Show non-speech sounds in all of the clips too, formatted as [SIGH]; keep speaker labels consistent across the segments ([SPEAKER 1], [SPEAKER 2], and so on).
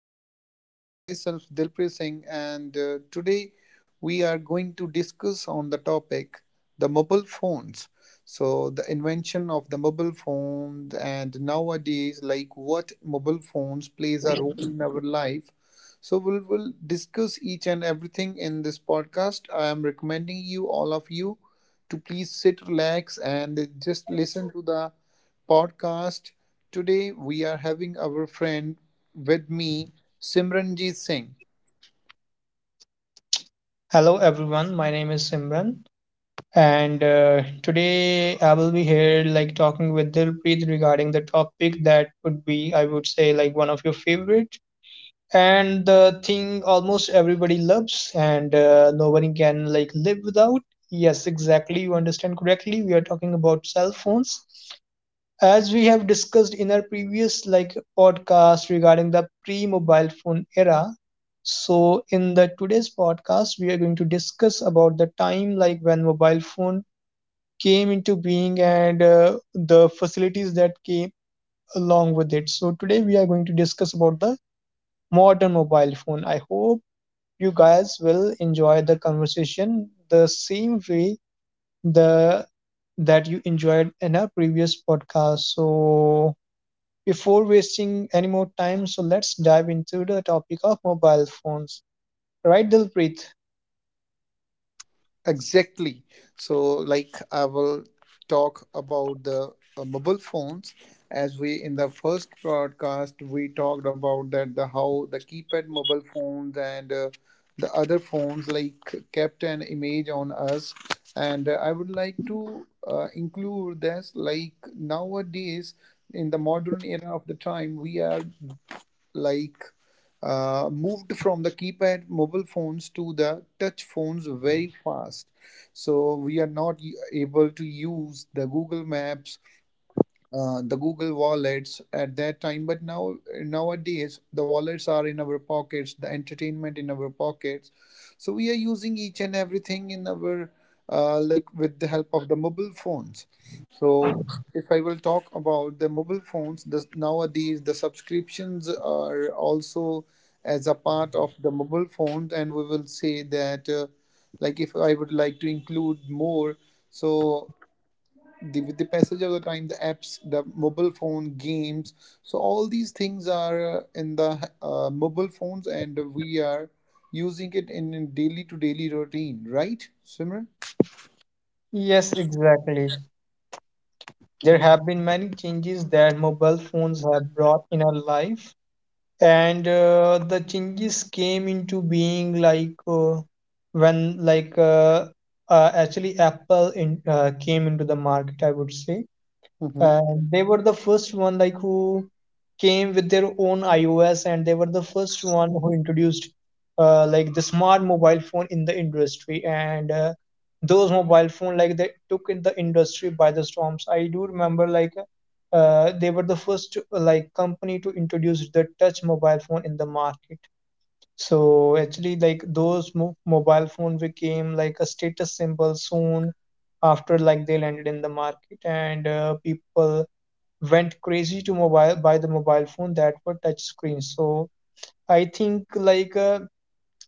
[SPEAKER 1] our podcast. Myself, Dilpreet Singh, and today we are going to discuss on the topic the mobile phones. So, the invention of the mobile phones and nowadays, like what mobile phones plays a role in our life. So we'll discuss each and everything in this podcast. I am recommending you, all of you, to please sit, relax, and just listen to the podcast. Today we are having our friend with me, Simranjit Singh.
[SPEAKER 2] Hello everyone, my name is Simran and today I will be here like talking with Dilpreet regarding the topic that would be I would say like one of your favorite and the thing almost everybody loves and nobody can like live without. Yes, exactly, you understand correctly. We are talking about cell phones as we have discussed in our previous like podcast regarding the pre-mobile phone era, so in the today's podcast we are going to discuss about the time like when mobile phone came into being and the facilities that came along with it. So today we are going to discuss about the modern mobile phone. I hope you guys will enjoy the conversation the same way the that you enjoyed in our previous podcast. So before wasting any more time, so let's dive into the topic of mobile phones. Right, Dilpreet?
[SPEAKER 1] Exactly. So, like, I will talk about the mobile phones. As we in the first broadcast, we talked about that the how the keypad mobile phones and the other phones like kept an image on us. And I would like to include this like nowadays in the modern era of the time, we are like moved from the keypad mobile phones to the touch phones very fast so we are not able to use the Google Maps, the Google wallets at that time. But now nowadays the wallets are in our pockets, the entertainment in our pockets. So we are using each and everything in our like with the help of the mobile phones. So if I will talk about the mobile phones, the, nowadays the subscriptions are also as a part of the mobile phones, and we will say that like if I would like to include more so the with the passage of the time the apps the mobile phone games so all these things are in the mobile phones and we are using it in daily to daily routine, right, Simran?
[SPEAKER 2] Yes, exactly. There have been many changes that mobile phones have brought in our life, and the changes came into being like when like actually Apple came into the market, I would say.
[SPEAKER 1] Mm-hmm.
[SPEAKER 2] And they were the first one like who came with their own iOS, and they were the first one who introduced like the smart mobile phone in the industry, and those mobile phone like they took in the industry by the storms. I do remember like they were the first like company to introduce the touch mobile phone in the market. So actually like those mo mobile phone became like a status symbol soon after like they landed in the market, and people went crazy to mobile by the mobile phone that were touch screens. So I think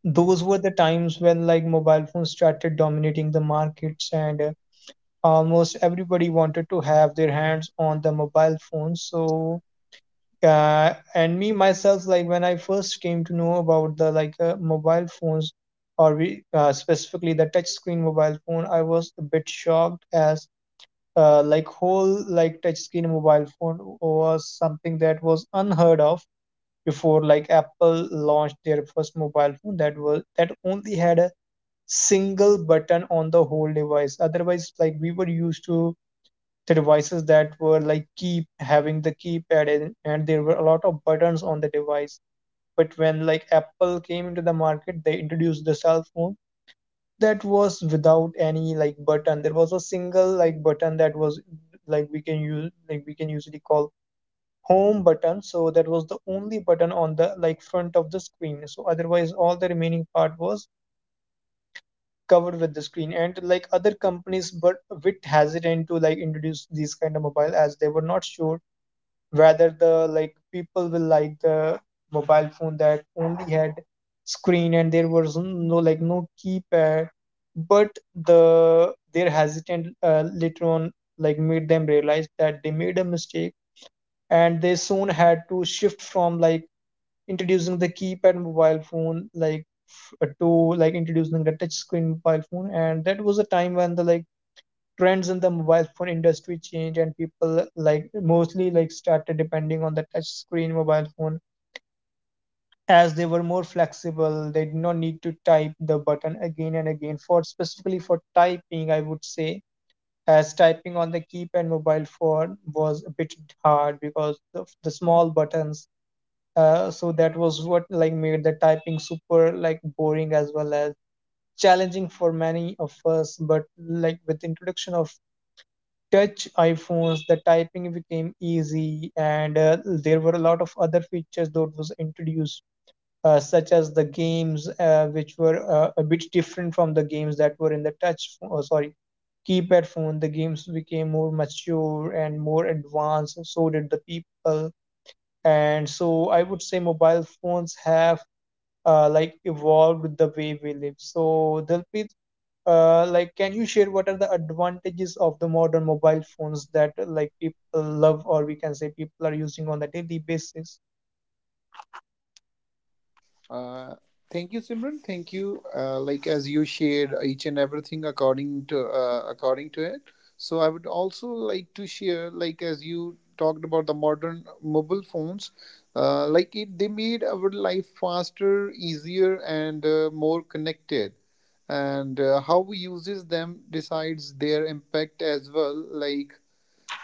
[SPEAKER 2] those were the times when like mobile phones started dominating the markets, and almost everybody wanted to have their hands on the mobile phone. So and me myself like when I first came to know about the like mobile phones or we, specifically the touch screen mobile phone, I was a bit shocked as like whole like touchscreen mobile phone was something that was unheard of before like Apple launched their first mobile phone that was that only had a single button on the whole device. Otherwise like we were used to the devices that were like keep having the keypad, and there were a lot of buttons on the device. But when like Apple came into the market, they introduced the cell phone that was without any like button. There was a single like button that was like we can use like we can usually call home button, so that was the only button on the like front of the screen, so otherwise all the remaining part was covered with the screen. And like other companies but were hesitant to like introduce these kind of mobile as they were not sure rather, the like people will like the mobile phone that only had screen and there was no like no keypad. But the their hesitant later on like made them realize that they made a mistake, and they soon had to shift from like introducing the keypad mobile phone to like introducing the touch screen mobile phone, and that was a time when the like trends in the mobile phone industry changed, and people like mostly like started depending on the touch screen mobile phone as they were more flexible. They did not need to type the button again and again for specifically for typing I would say, as typing on the keypad mobile phone was a bit hard because of the small buttons. So that was what like made the typing super like boring as well as challenging for many of us. But like with the introduction of touch iPhones, the typing became easy, and there were a lot of other features that was introduced, such as the games, which were a bit different from the games that were in the sorry, keypad phone. The games became more mature and more advanced, and so did the people. And so I would say mobile phones have like evolved the way we live. So the like, can you share what are the advantages of the modern mobile phones that like people love, or we can say people are using on a daily basis?
[SPEAKER 1] Uh, Thank you, Simran. Thank you. Like as you shared each and everything according to according to it. So I would also like to share, like as you talked about the modern mobile phones, like it they made our life faster, easier, and more connected. And how we uses them decides their impact as well. Like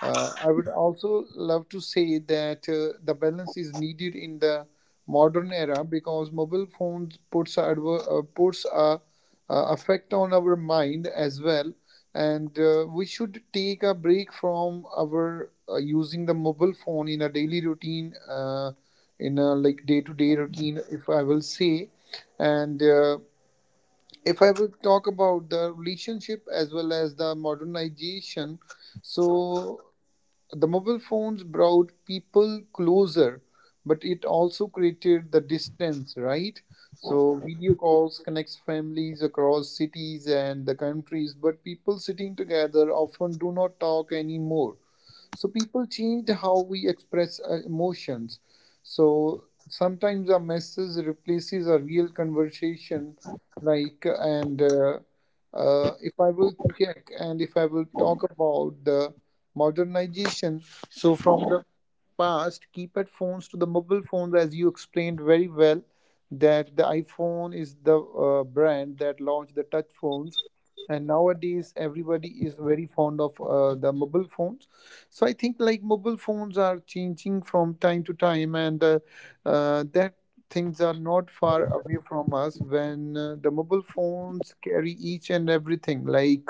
[SPEAKER 1] I would also love to say that the balance is needed in the modern era because mobile phones puts puts a effect on our mind as well, and we should take a break from our using the mobile phone in a daily routine, in a like day to day routine, if I will say, and. If I will talk about the relationship as well as the modernization, so the mobile phones brought people closer, but it also created the distance, right? So video calls connects families across cities and the countries, but people sitting together often do not talk anymore. So people changed how we express emotions. So sometimes a message replaces a real conversation like and if I will check and if I will talk about the modernization so from the past keypad phones to the mobile phones as you explained very well that the iPhone is the brand that launched the touch phones and nowadays everybody is very fond of the mobile phones so I think like mobile phones are changing from time to time and that things are not far away from us when the mobile phones carry each and everything. Like,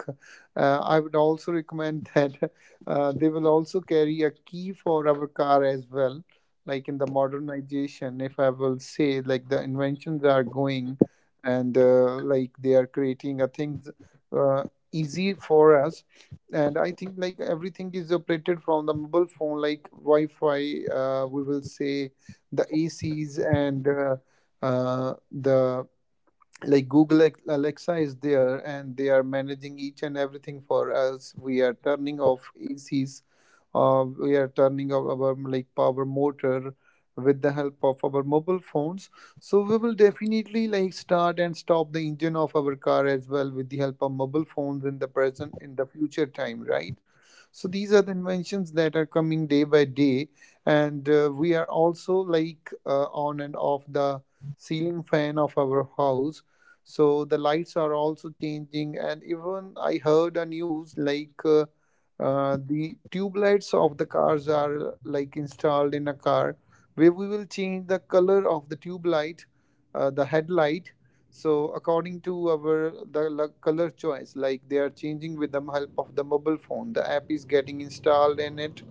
[SPEAKER 1] I would also recommend [LAUGHS] that they will also carry a key for our car as well. Like in the modernization, if I will say, like the inventions are going and like they are creating a things uh, easy for us. And I think like everything is operated from the mobile phone, like Wi-Fi, we will say the ACs and the like Alexa is there and they are managing each and everything for us. We are turning off ACs, we are turning off our like power motor with the help of our mobile phones. So we will definitely like start and stop the engine of our car as well with the help of mobile phones in the present in the future time, right? So these are the inventions that are coming day by day and we are also like on and off the ceiling fan of our house so the lights are also changing and even I heard a news like the tube lights of the cars are like installed in a car where we will change the color of the tube light, the headlight, so according to our the color choice, like they are changing with the help of the mobile phone. The app is getting installed in it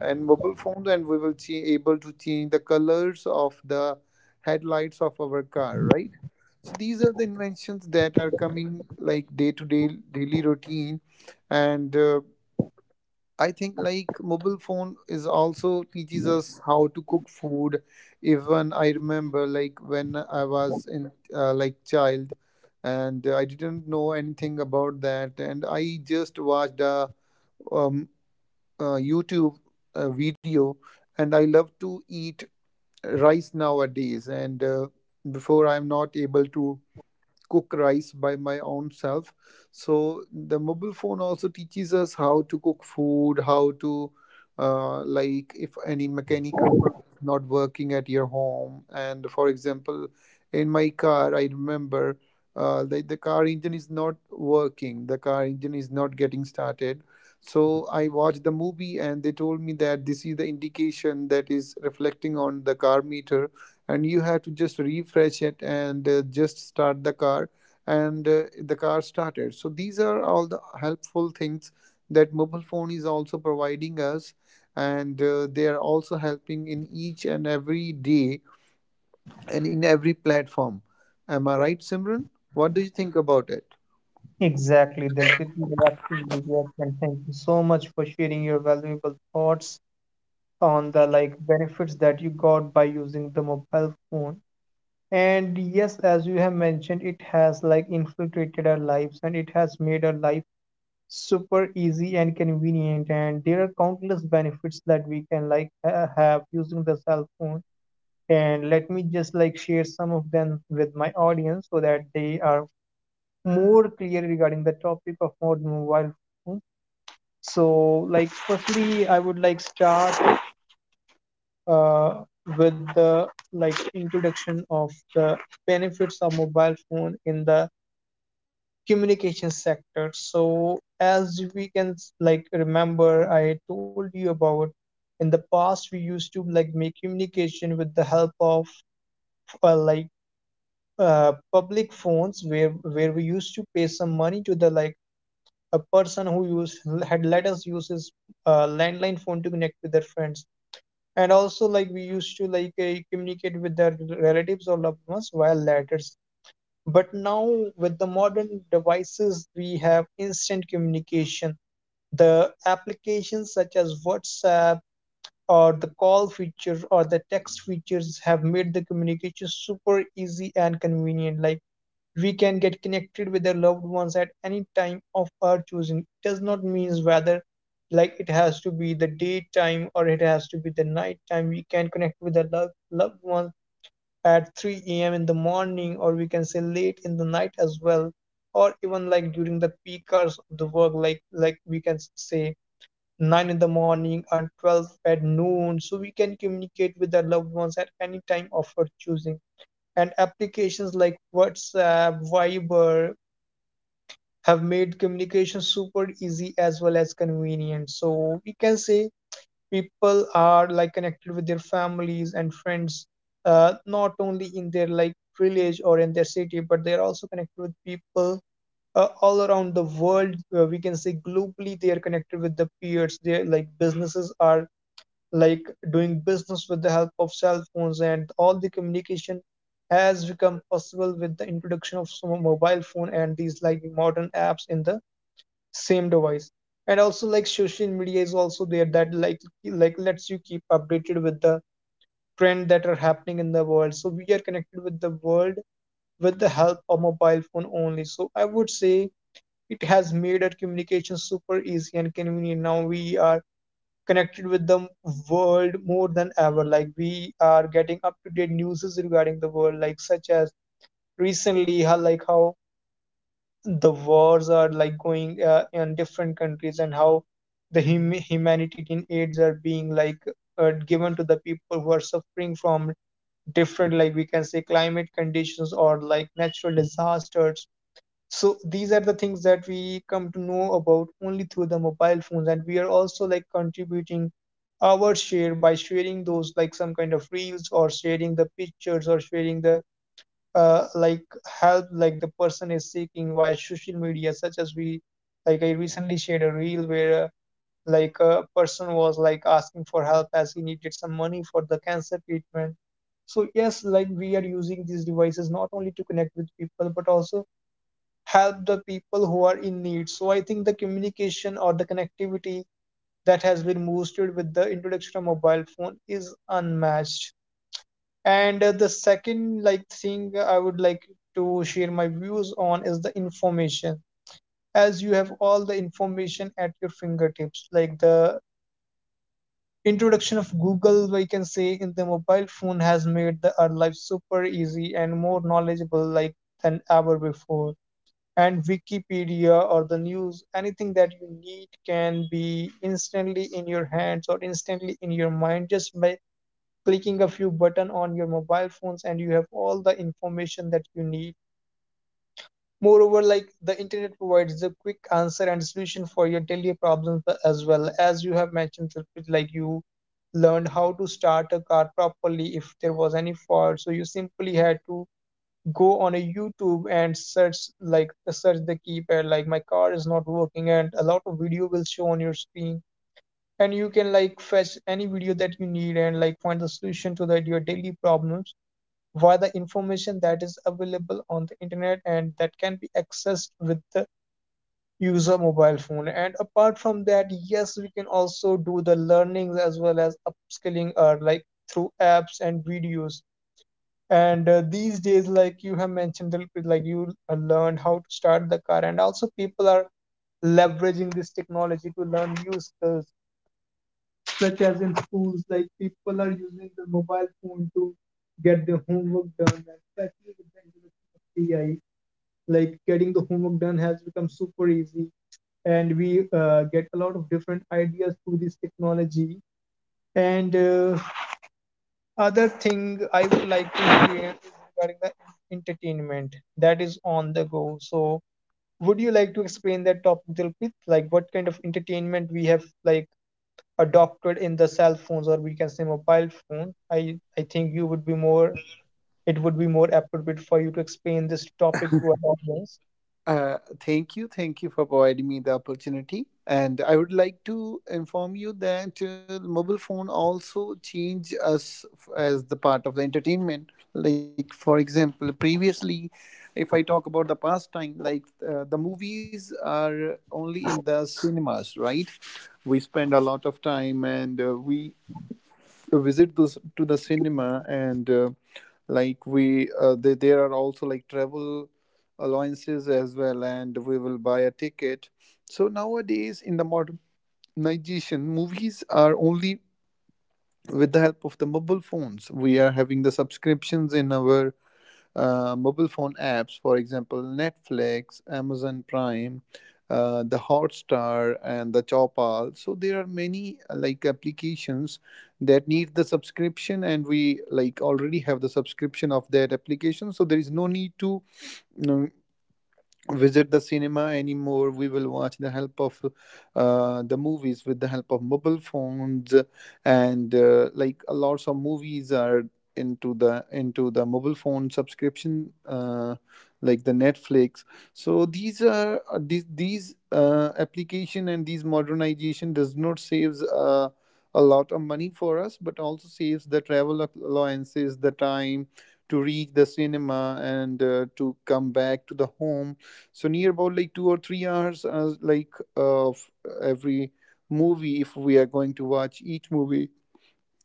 [SPEAKER 1] and mobile phone, and we will be able to change the colors of the headlights of our car, right? So these are the inventions that are coming like day to day daily routine, and I think like mobile phone is also teaches us how to cook food. Even I remember like when I was in like child, and I didn't know anything about that, and I just watched a um, YouTube video, and I love to eat rice nowadays. And before I'm not able to cook rice by my own self so the mobile phone also teaches us how to cook food, how to like if any mechanical part is not working at your home and for example in my car I remember the car engine is not working, the car engine is not getting started so I watched the movie and they told me that this is the indication that is reflecting on the car meter and you have to just refresh it and just start the car and the car started so these are all the helpful things that mobile phone is also providing us and they are also helping in each and every day and in every platform, am I right, Simran? What do you think about it?
[SPEAKER 2] Exactly, Dilpit. You're absolutely correct, and thank you so much for sharing your valuable thoughts on the like benefits that you got by using the mobile phone. And yes, as you have mentioned, it has like infiltrated our lives and it has made our life super easy and convenient, and there are countless benefits that we can have using the cell phone. And let me just like share some of them with my audience so that they are more clear regarding the topic of modern mobile phones. So like firstly I would like start uh, with the like introduction of the benefits of mobile phone in the communication sector. So as we can like remember, I told you about in the past we used to like make communication with the help of like public phones where we used to pay some money to the like a person who used had let us use his landline phone to connect with their friends, and also like we used to like communicate with their relatives or loved ones via letters. But now, with the modern devices, we have instant communication. The applications such as WhatsApp or the call feature or the text features have made the communication super easy and convenient. Like we can get connected with our loved ones at any time of our choosing. It does not means whether like it has to be the daytime or it has to be the night time. We can connect with our loved ones at 3 a.m. in the morning, or we can say late in the night as well, or even like during the peak hours of the work, like we can say 9 in the morning and 12 at noon, so we can communicate with our loved ones at any time of our choosing. And applications like WhatsApp, Viber have made communication super easy as well as convenient. So we can say people are like connected with their families and friends, not only in their like village or in their city, but they are also connected with people all around the world. We can say globally they are connected with the peers. They like businesses are like doing business with the help of cell phones, and all the communication has become possible with the introduction of some mobile phone and these like modern apps in the same device. And also like social media is also there that like lets you keep updated with the trend that are happening in the world. So we are connected with the world with the help of mobile phone only. So I would say it has made our communication super easy and convenient. Now we are connected with the world more than ever. Like we are getting up to date news regarding the world like such as recently how like how the wars are like going in different countries, and how the humanitarian aids are being like given to the people who are suffering from different like we can say climate conditions or like natural disasters. So these are the things that we come to know about only through the mobile phones, and we are also like contributing our share by sharing those like some kind of reels or sharing the pictures or sharing the like help like the person is seeking via social media, such as we like I recently shared a reel where like a person was like asking for help as he needed some money for the cancer treatment. So yes, like we are using these devices not only to connect with people but also help the people who are in need. So I think the communication or the connectivity that has been boosted with the introduction of mobile phone is unmatched. And the second like thing I would like to share my views on is the information. As you have all the information at your fingertips, like the introduction of Google, we can say in the mobile phone has made the, our life super easy and more knowledgeable like than ever before. And Wikipedia or the news, anything that you need can be instantly in your hands or instantly in your mind just by clicking a few button on your mobile phones, and you have all the information that you need. Moreover, like the internet provides the quick answer and solution for your daily problems, as well as you have mentioned, like you learned how to start a car properly if there was any fault, so you simply had to go on a youtube and search the keypad, like my car is not working, and a lot of video will show on your screen, and you can like fetch any video that you need and like find the solution to that your daily problems via the information that is available on the internet and that can be accessed with the user mobile phone. And apart from that, yes, we can also do the learnings as well as upskilling or like through apps and videos. And These days, like you have mentioned, like you learned how to start the car, and also people are leveraging this technology to learn new skills such as in schools, like people are using their mobile phone to get their homework done, and especially with the introduction of AI, like getting the homework done has become super easy, and we get a lot of different ideas through this technology. And Other thing I would like to hear is regarding the entertainment that is on the go. So, would you like to explain that topic, Dilpit? Like, what kind of entertainment we have like adopted in the cell phones, or we can say mobile phone? I think you would be more, it would be more appropriate for you to explain this topic to our audience.
[SPEAKER 1] Thank you. Thank you for providing me the opportunity. And I would like to inform you that mobile phone also change us as the part of the entertainment. Like for example, previously, if I talk about the past time, like the movies are only in the cinemas, right? We spend a lot of time and we to visit those to the cinema and like we there are also like travel allowances as well and we will buy a ticket so nowadays in the modernization movies are only with the help of the mobile phones we are having the subscriptions in our mobile phone apps, for example, Netflix, Amazon Prime, the Hotstar, and the Chopal. So there are many like applications that need the subscription, and we like already have the subscription of that application. So there is no need to visit the cinema anymore, we will watch the help of the movies with the help of mobile phones and like a lots of movies are into the mobile phone subscription, like the Netflix, so these are these application and these modernization does not saves a lot of money for us but also saves the travel allowances, the time to reach the cinema and to come back to the home so near about like 2 or 3 hours as like of every movie if we are going to watch each movie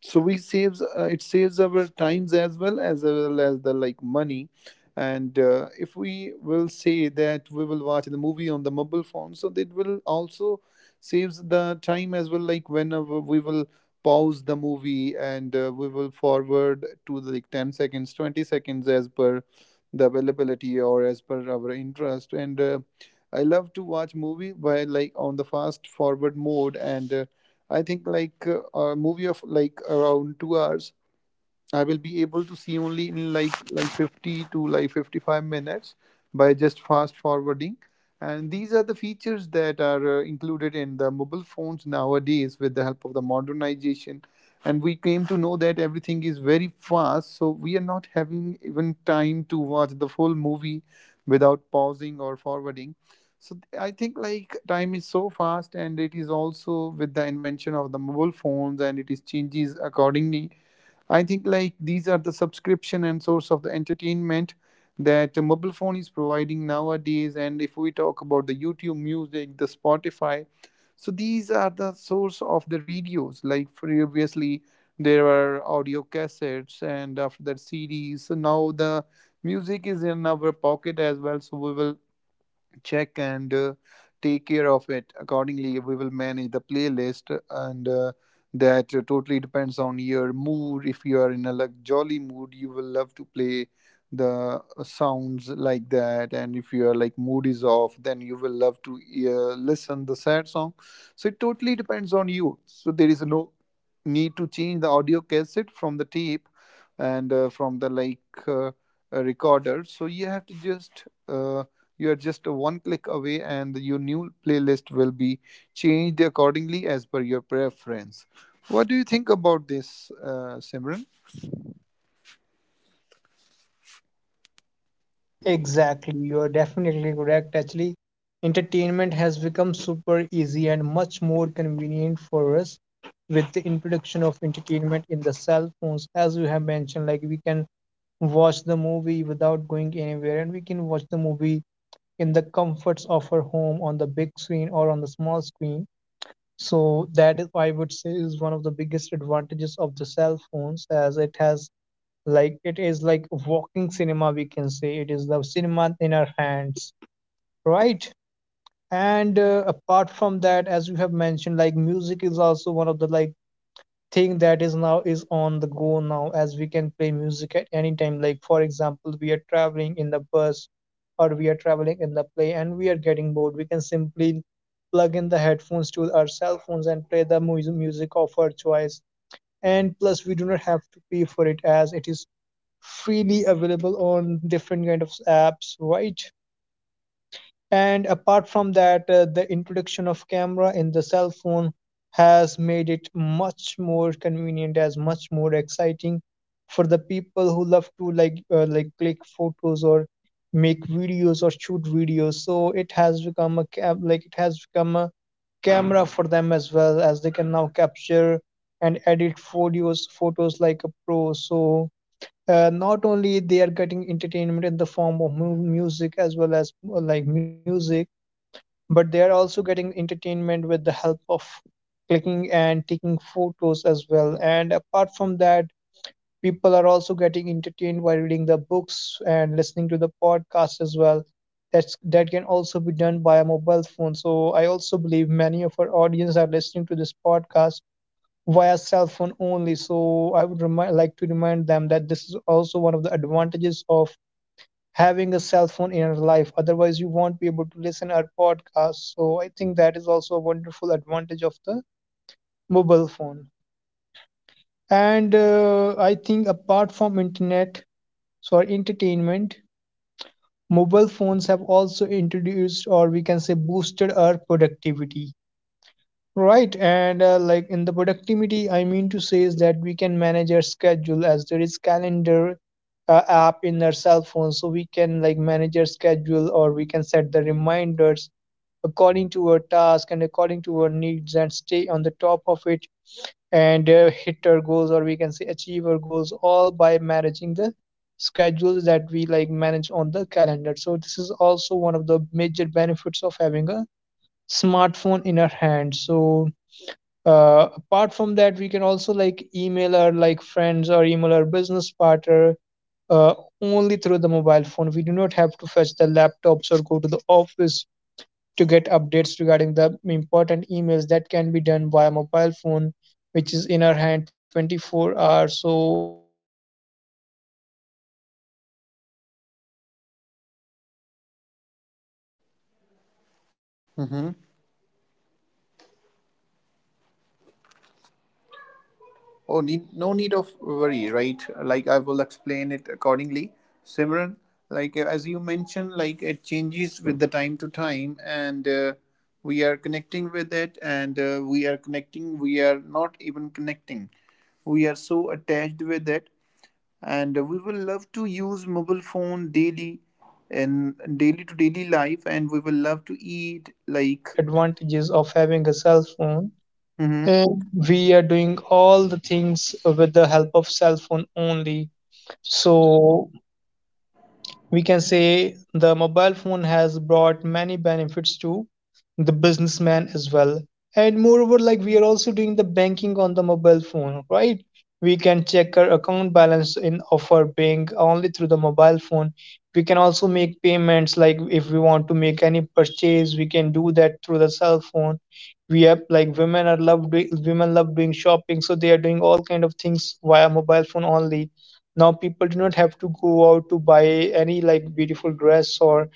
[SPEAKER 1] so we saves it saves our times as well, as well as the like money and if we will say that we will watch the movie on the mobile phone so that will also saves the time as well like whenever we will pause the movie and we will forward to the like 10 seconds 20 seconds as per the availability or as per our interest and I love to watch movie by like on the fast forward mode and I think like a movie of like around 2 hours I will be able to see only in like 50 to like 55 minutes by just fast forwarding. And these are the features that are included in the mobile phones nowadays with the help of the modernization. And we came to know that everything is very fast, so we are not having even time to watch the full movie without pausing or forwarding. So I think like time is so fast, and it is also with the invention of the mobile phones, and it is changes accordingly. I think like these are the subscription and source of the entertainment that a mobile phone is providing nowadays. And if we talk about the YouTube music, the Spotify, so these are the source of the radios. Like previously, there were audio cassettes and after that CDs. So now the music is in our pocket as well. So we will check and take care of it accordingly. We will manage the playlist, and that totally depends on your mood. If you are in a like jolly mood, you will love to play the sounds like that, and if you are like mood is off, then you will love to listen the sad song. So it totally depends on you. So there is no need to change the audio cassette from the tape and from the like uh, a recorder. So you have to just you are just a one click away, and your new playlist will be changed accordingly as per your preference. What do you think about this, Simran?
[SPEAKER 2] Exactly, you are definitely correct. Actually, entertainment has become super easy and much more convenient for us with the introduction of entertainment in the cell phones. As you have mentioned, like we can watch the movie without going anywhere, and we can watch the movie in the comforts of our home on the big screen or on the small screen. So that is, I would say, is one of the biggest advantages of the cell phones, as it has, like it is like walking cinema, we can say. It is the cinema in our hands, right? And apart from that, as you have mentioned, like music is also one of the like thing that is now is on the go now, as we can play music at any time. Like for example, we are traveling in the bus or we are traveling in the plane and we are getting bored, we can simply plug in the headphones to our cell phones and play the music of our choice. And plus, we do not have to pay for it as it is freely available on different kind of apps, right? And apart from that, the introduction of camera in the cell phone has made it much more convenient, as much more exciting for the people who love to like click photos or make videos or shoot videos. So it has become a like it has become a camera for them as well, as they can now capture and edit photos like a pro. So not only they are getting entertainment in the form of music as well as like music, but they are also getting entertainment with the help of clicking and taking photos as well. And apart from that, people are also getting entertained by reading the books and listening to the podcast as well. That can also be done by a mobile phone. So I also believe many of our audience are listening to this podcast via cell phone only. So I would like to remind them that this is also one of the advantages of having a cell phone in our life. Otherwise, you won't be able to listen our podcast. So I think that is also a wonderful advantage of the mobile phone. And I think apart from internet, so our entertainment, mobile phones have also introduced or we can say boosted our productivity. Right, and like in the productivity, I mean to say is that we can manage our schedule as there is calendar app in our cell phone, so we can like manage our schedule or we can set the reminders according to our task and according to our needs and stay on the top of it and hit our goals or we can say achieve our goals all by managing the schedules that we like manage on the calendar. So this is also one of the major benefits of having a smartphone in our hand. So apart from that, we can also like email our like friends or email our business partner uh, only through the mobile phone. We do not have to fetch the laptops or go to the office to get updates regarding the important emails that can be done via mobile phone, which is in our hand 24 hours. So that is also, I would say, is one of the biggest example of having a mobile phone,
[SPEAKER 1] Mm-hmm.
[SPEAKER 2] and we can also,
[SPEAKER 1] Oh, need, no need of worry, right? Like I will explain it accordingly,
[SPEAKER 2] we can also
[SPEAKER 1] Simran.
[SPEAKER 2] do other
[SPEAKER 1] Like as you
[SPEAKER 2] multiple tasks
[SPEAKER 1] mentioned, like
[SPEAKER 2] as
[SPEAKER 1] it
[SPEAKER 2] well,
[SPEAKER 1] changes with the
[SPEAKER 2] such
[SPEAKER 1] time to
[SPEAKER 2] as
[SPEAKER 1] time, and
[SPEAKER 2] banking
[SPEAKER 1] uh,
[SPEAKER 2] or
[SPEAKER 1] we are
[SPEAKER 2] meetings is
[SPEAKER 1] connecting with
[SPEAKER 2] also one
[SPEAKER 1] it,
[SPEAKER 2] of the
[SPEAKER 1] and
[SPEAKER 2] major
[SPEAKER 1] uh, we are
[SPEAKER 2] benefits
[SPEAKER 1] connecting. We are
[SPEAKER 2] of
[SPEAKER 1] not even
[SPEAKER 2] having a mobile
[SPEAKER 1] connecting.
[SPEAKER 2] phone.
[SPEAKER 1] We are so attached with it, and we will love to use mobile
[SPEAKER 2] We are now
[SPEAKER 1] phone
[SPEAKER 2] doing
[SPEAKER 1] daily
[SPEAKER 2] meetings on the cell
[SPEAKER 1] in
[SPEAKER 2] phone,
[SPEAKER 1] daily to
[SPEAKER 2] and
[SPEAKER 1] daily
[SPEAKER 2] business
[SPEAKER 1] life, and
[SPEAKER 2] meetings
[SPEAKER 1] we will
[SPEAKER 2] are
[SPEAKER 1] love to
[SPEAKER 2] one
[SPEAKER 1] eat
[SPEAKER 2] of the
[SPEAKER 1] like
[SPEAKER 2] great advantages of having a cell phone.
[SPEAKER 1] hmm.
[SPEAKER 2] And we are doing all the things with the help of cell phone only. So we can say the mobile phone has brought many benefits to the businessman as well. And moreover, like we are also doing the banking on the mobile phone, right? We can check our account balance in of our bank only through the mobile phone. We can also make payments, like if we want to make any purchase, we can do that through the cell phone. We have like women love doing shopping, so they are doing all kind of things via mobile phone only. Now people do not have to go out to buy any like beautiful dress or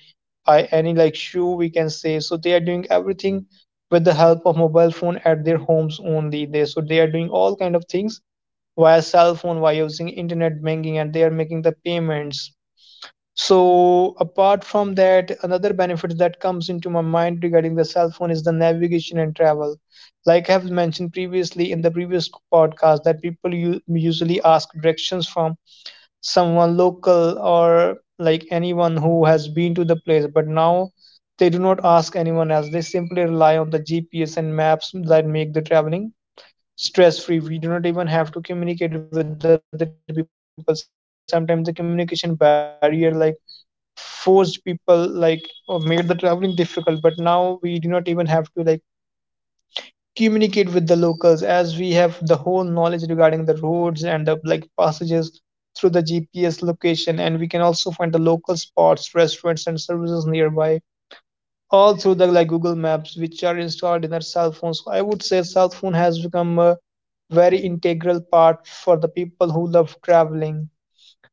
[SPEAKER 2] buy any like shoe, we can say. So they are doing everything with the help of mobile phone at their homes only. They are doing all kind of things via cell phone, via using internet banking, and they are making the payments. So apart from that, another benefit that comes into my mind regarding the cell phone is the navigation and travel. Like I have mentioned previously in the previous podcast that people usually ask directions from someone local or like anyone who has been to the place, but now they do not ask anyone else, they simply rely on the GPS and maps that make the traveling stress free. We do not even have to communicate with other people. Sometimes the communication barrier like forced people like or made the traveling difficult, but now we do not even have to like communicate with the locals, as we have the whole knowledge regarding the roads and the like passages through the GPS location. And we can also find the local spots, restaurants and services nearby, all through the like Google Maps which are installed in our cell phones. So I would say cell phone has become a very integral part for the people who love traveling.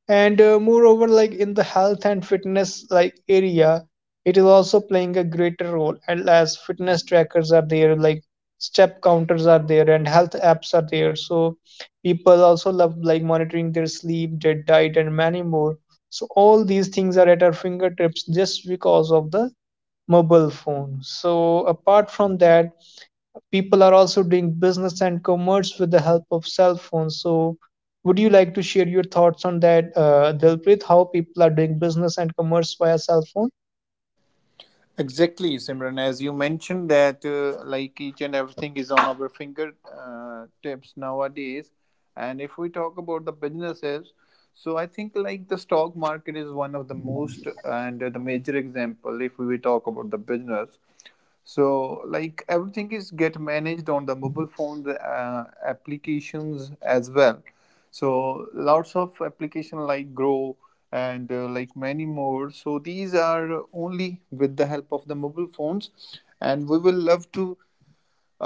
[SPEAKER 2] And moreover, like in the health and fitness like area, it is also playing a greater role, and as fitness trackers are there, like step counters are there and health apps are there. So people also love like monitoring their sleep, their diet and many more. So all these things are at our fingertips just because of the mobile phone. So, apart from that, people are also doing business and commerce with the help of cell phones. So, would you like to share your thoughts on that, Dilpreet? How people are doing business and commerce via cell phone?
[SPEAKER 1] Exactly, Simran, as you mentioned that like each and everything is on our finger tips nowadays. And if we talk about the businesses, so I think like the stock market is one of the most and the major example if we talk about the business. So like everything is get managed on the mobile phone applications as well. So lots of application like Grow and like many more. So these are only with the help of the mobile phones, and we will love to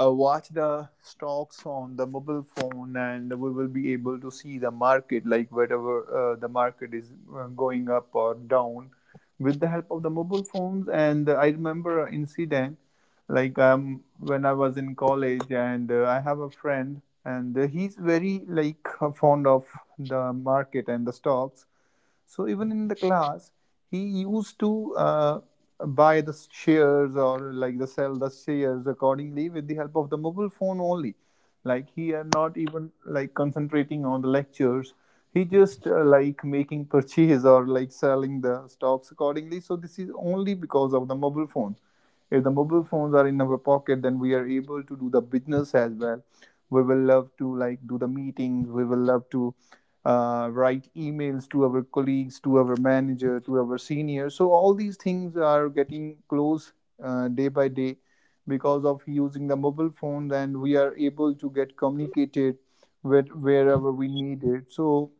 [SPEAKER 1] watch the stocks on the mobile phone, and we will be able to see the market like whatever the market is going up or down with the help of the mobile phones. And I remember an incident like when I was in college, and I have a friend, and he's very like fond of the market and the stocks. So even in the class, he used to buy the shares or like the sell the shares accordingly with the help of the mobile phone only. Like he are not even like concentrating on the lectures. He just like making purchase or like selling the stocks accordingly. So this is only because of the mobile phone. If the mobile phones are in our pocket, then we are able to do the business as well. We will love to like do the meetings. We will love to write emails to our colleagues, to our manager, to our senior. So all these things are getting close day by day because of using the mobile phone, and we are able to get communicated with wherever we need it. So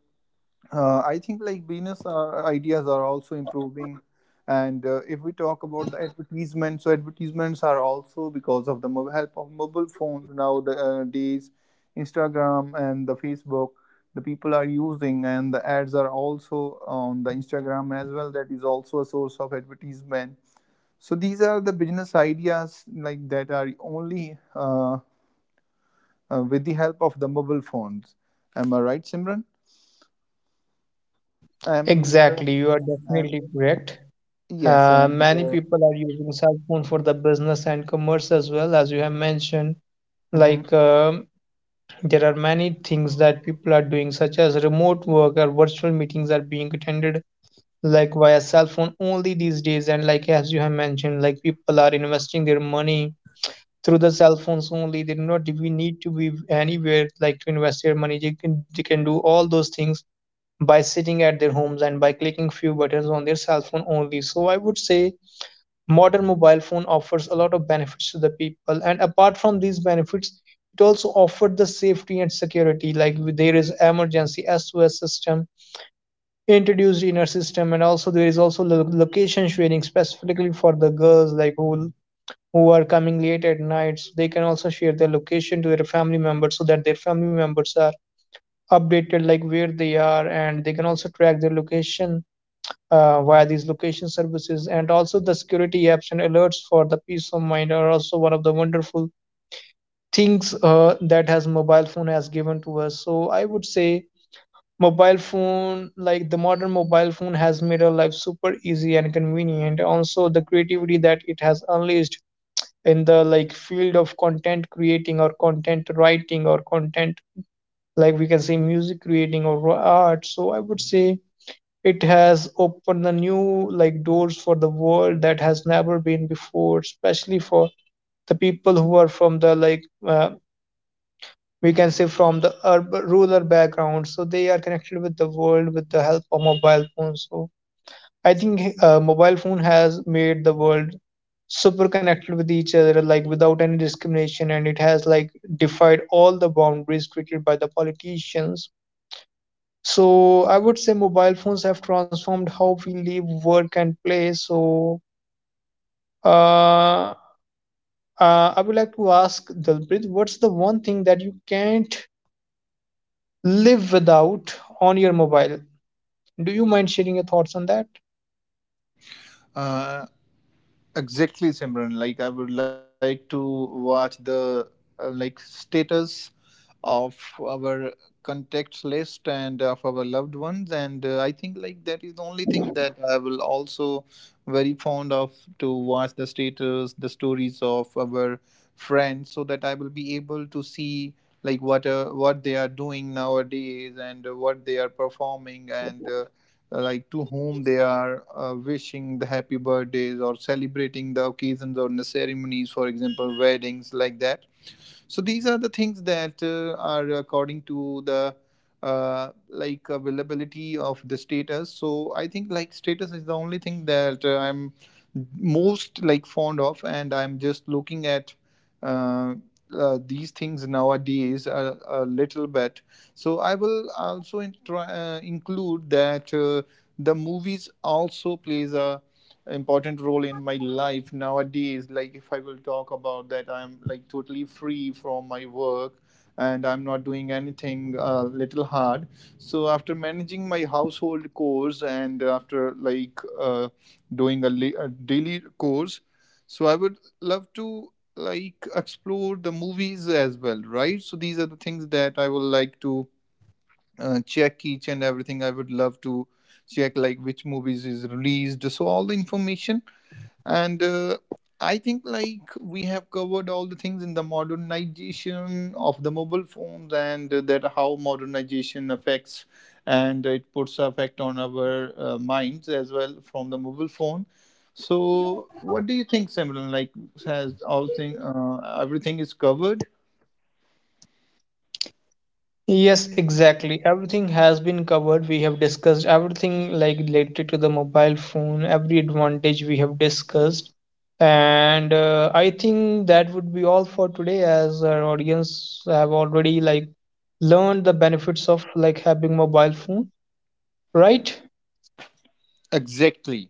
[SPEAKER 1] I think like business ideas are also improving, and if we talk about the advertisements, so advertisements are also because of the help of mobile phones nowadays. Instagram and the Facebook, the people are using, and the ads are also on the Instagram as well. That is also a source of advertisement. So these are the business ideas like that are only with the help of the mobile phones. Am I right, Simran? And, uh,
[SPEAKER 2] Exactly, you are
[SPEAKER 1] and
[SPEAKER 2] definitely correct.
[SPEAKER 1] yes, and
[SPEAKER 2] Many
[SPEAKER 1] uh,
[SPEAKER 2] people are using cell phone for the business and commerce as well, as you have mentioned.
[SPEAKER 1] mhm.
[SPEAKER 2] Like there are many things that people are doing, such as remote work or virtual meetings are being attended like via cell phone only these days. And like as you have mentioned, like people are investing their money through the cell phones only. They do not even need to be anywhere like to invest their money. They can do all those things by sitting at their homes and by clicking few buttons on their cell phone only. So I would say modern mobile phone offers a lot of benefits to the people, and apart from these benefits, it also offered the safety and security, like there is emergency sos system introduced in our system, and also there is also location sharing specifically for the girls like who are coming late at night, so they can also share their location to their family members so that their family members are updated like where they are, and they can also track their location via these location services. And also the security apps and alerts for the peace of mind are also one of the wonderful things that has mobile phone has given to us. So I would say mobile phone, like the modern mobile phone has made our life super easy and convenient. Also the creativity that it has unleashed in the like field of content creating or content writing or content, like we can say music creating or art. So I would say it has opened the new like doors for the world that has never been before, especially for the people who are from the like we can say from the urban, rural background, so they are connected with the world with the help of mobile phones. So I think mobile phone has made the world super connected with each other like without any discrimination, and it has like defied all the boundaries created by the politicians. So I would say mobile phones have transformed how we live, work, and play. So uh, uh, I would like to ask Dalprit, what's the one thing that you can't live without on your mobile? Do you mind sharing your thoughts on that?
[SPEAKER 1] uh, exactly, Simran. Like I would like to watch the like status of our contacts list and of our loved ones, and I think like that is the only thing that I will also very fond of to watch the status, the stories of our friends, so that I will be able to see like what they are doing nowadays, and what they are performing and like to whom they are wishing the happy birthdays or celebrating the occasions or the ceremonies, for example weddings like that. So these are the things that are according to the like availability of the status. So I think like status is the only thing that I'm most like fond of, and I'm just looking at uh, these things nowadays a little bit. So I will also include that the movies also plays a important role in my life nowadays. Like if I will talk about that, I'm like totally free from my work, and I'm not doing anything little hard. So after managing my household chores and after like doing a daily course, so I would love to like explore the movies as well, right? So these are the things that I will like to check each and everything. I would love to check like which movies is released, so all the information and I think like we have covered all the things in the modernization of the mobile phones, and that how modernization affects and it puts effect on our minds as well from the mobile phone. So what do you think, Simran? Like has all thing everything is covered?
[SPEAKER 2] Yes, exactly. Everything has been covered. We have discussed everything like related to the mobile phone, every advantage we have discussed. And I think that would be all for today, as our audience have already like learned the benefits of like having mobile phone, right?
[SPEAKER 1] Exactly.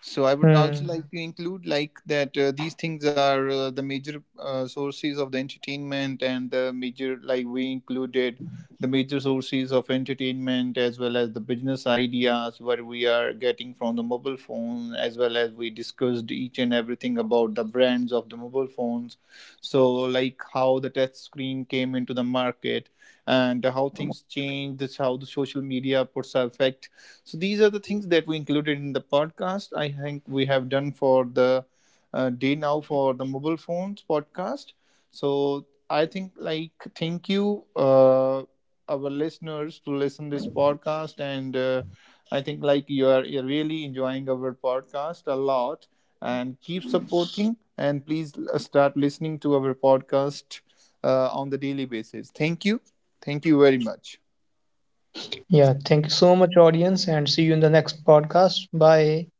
[SPEAKER 1] So I would also
[SPEAKER 2] Hmm.
[SPEAKER 1] like to include like that these things are the major sources of the entertainment, and the major like we included the major sources of entertainment as well as the business ideas what we are getting from the mobile phone, as well as we discussed each and everything about the brands of the mobile phones. So like how the touch screen came into the market and how things changed, how the social media puts affected. So these are the things that we included in the podcast. I think we have done for the day now for the mobile phones podcast. So I think like thank you our listeners to listen this podcast, and I think like you're really enjoying our podcast a lot, and keep supporting, and please start listening to our podcast on the daily basis. Thank you. Thank you very much.
[SPEAKER 2] Yeah, thank you so much audience, and see you in the next podcast. Bye.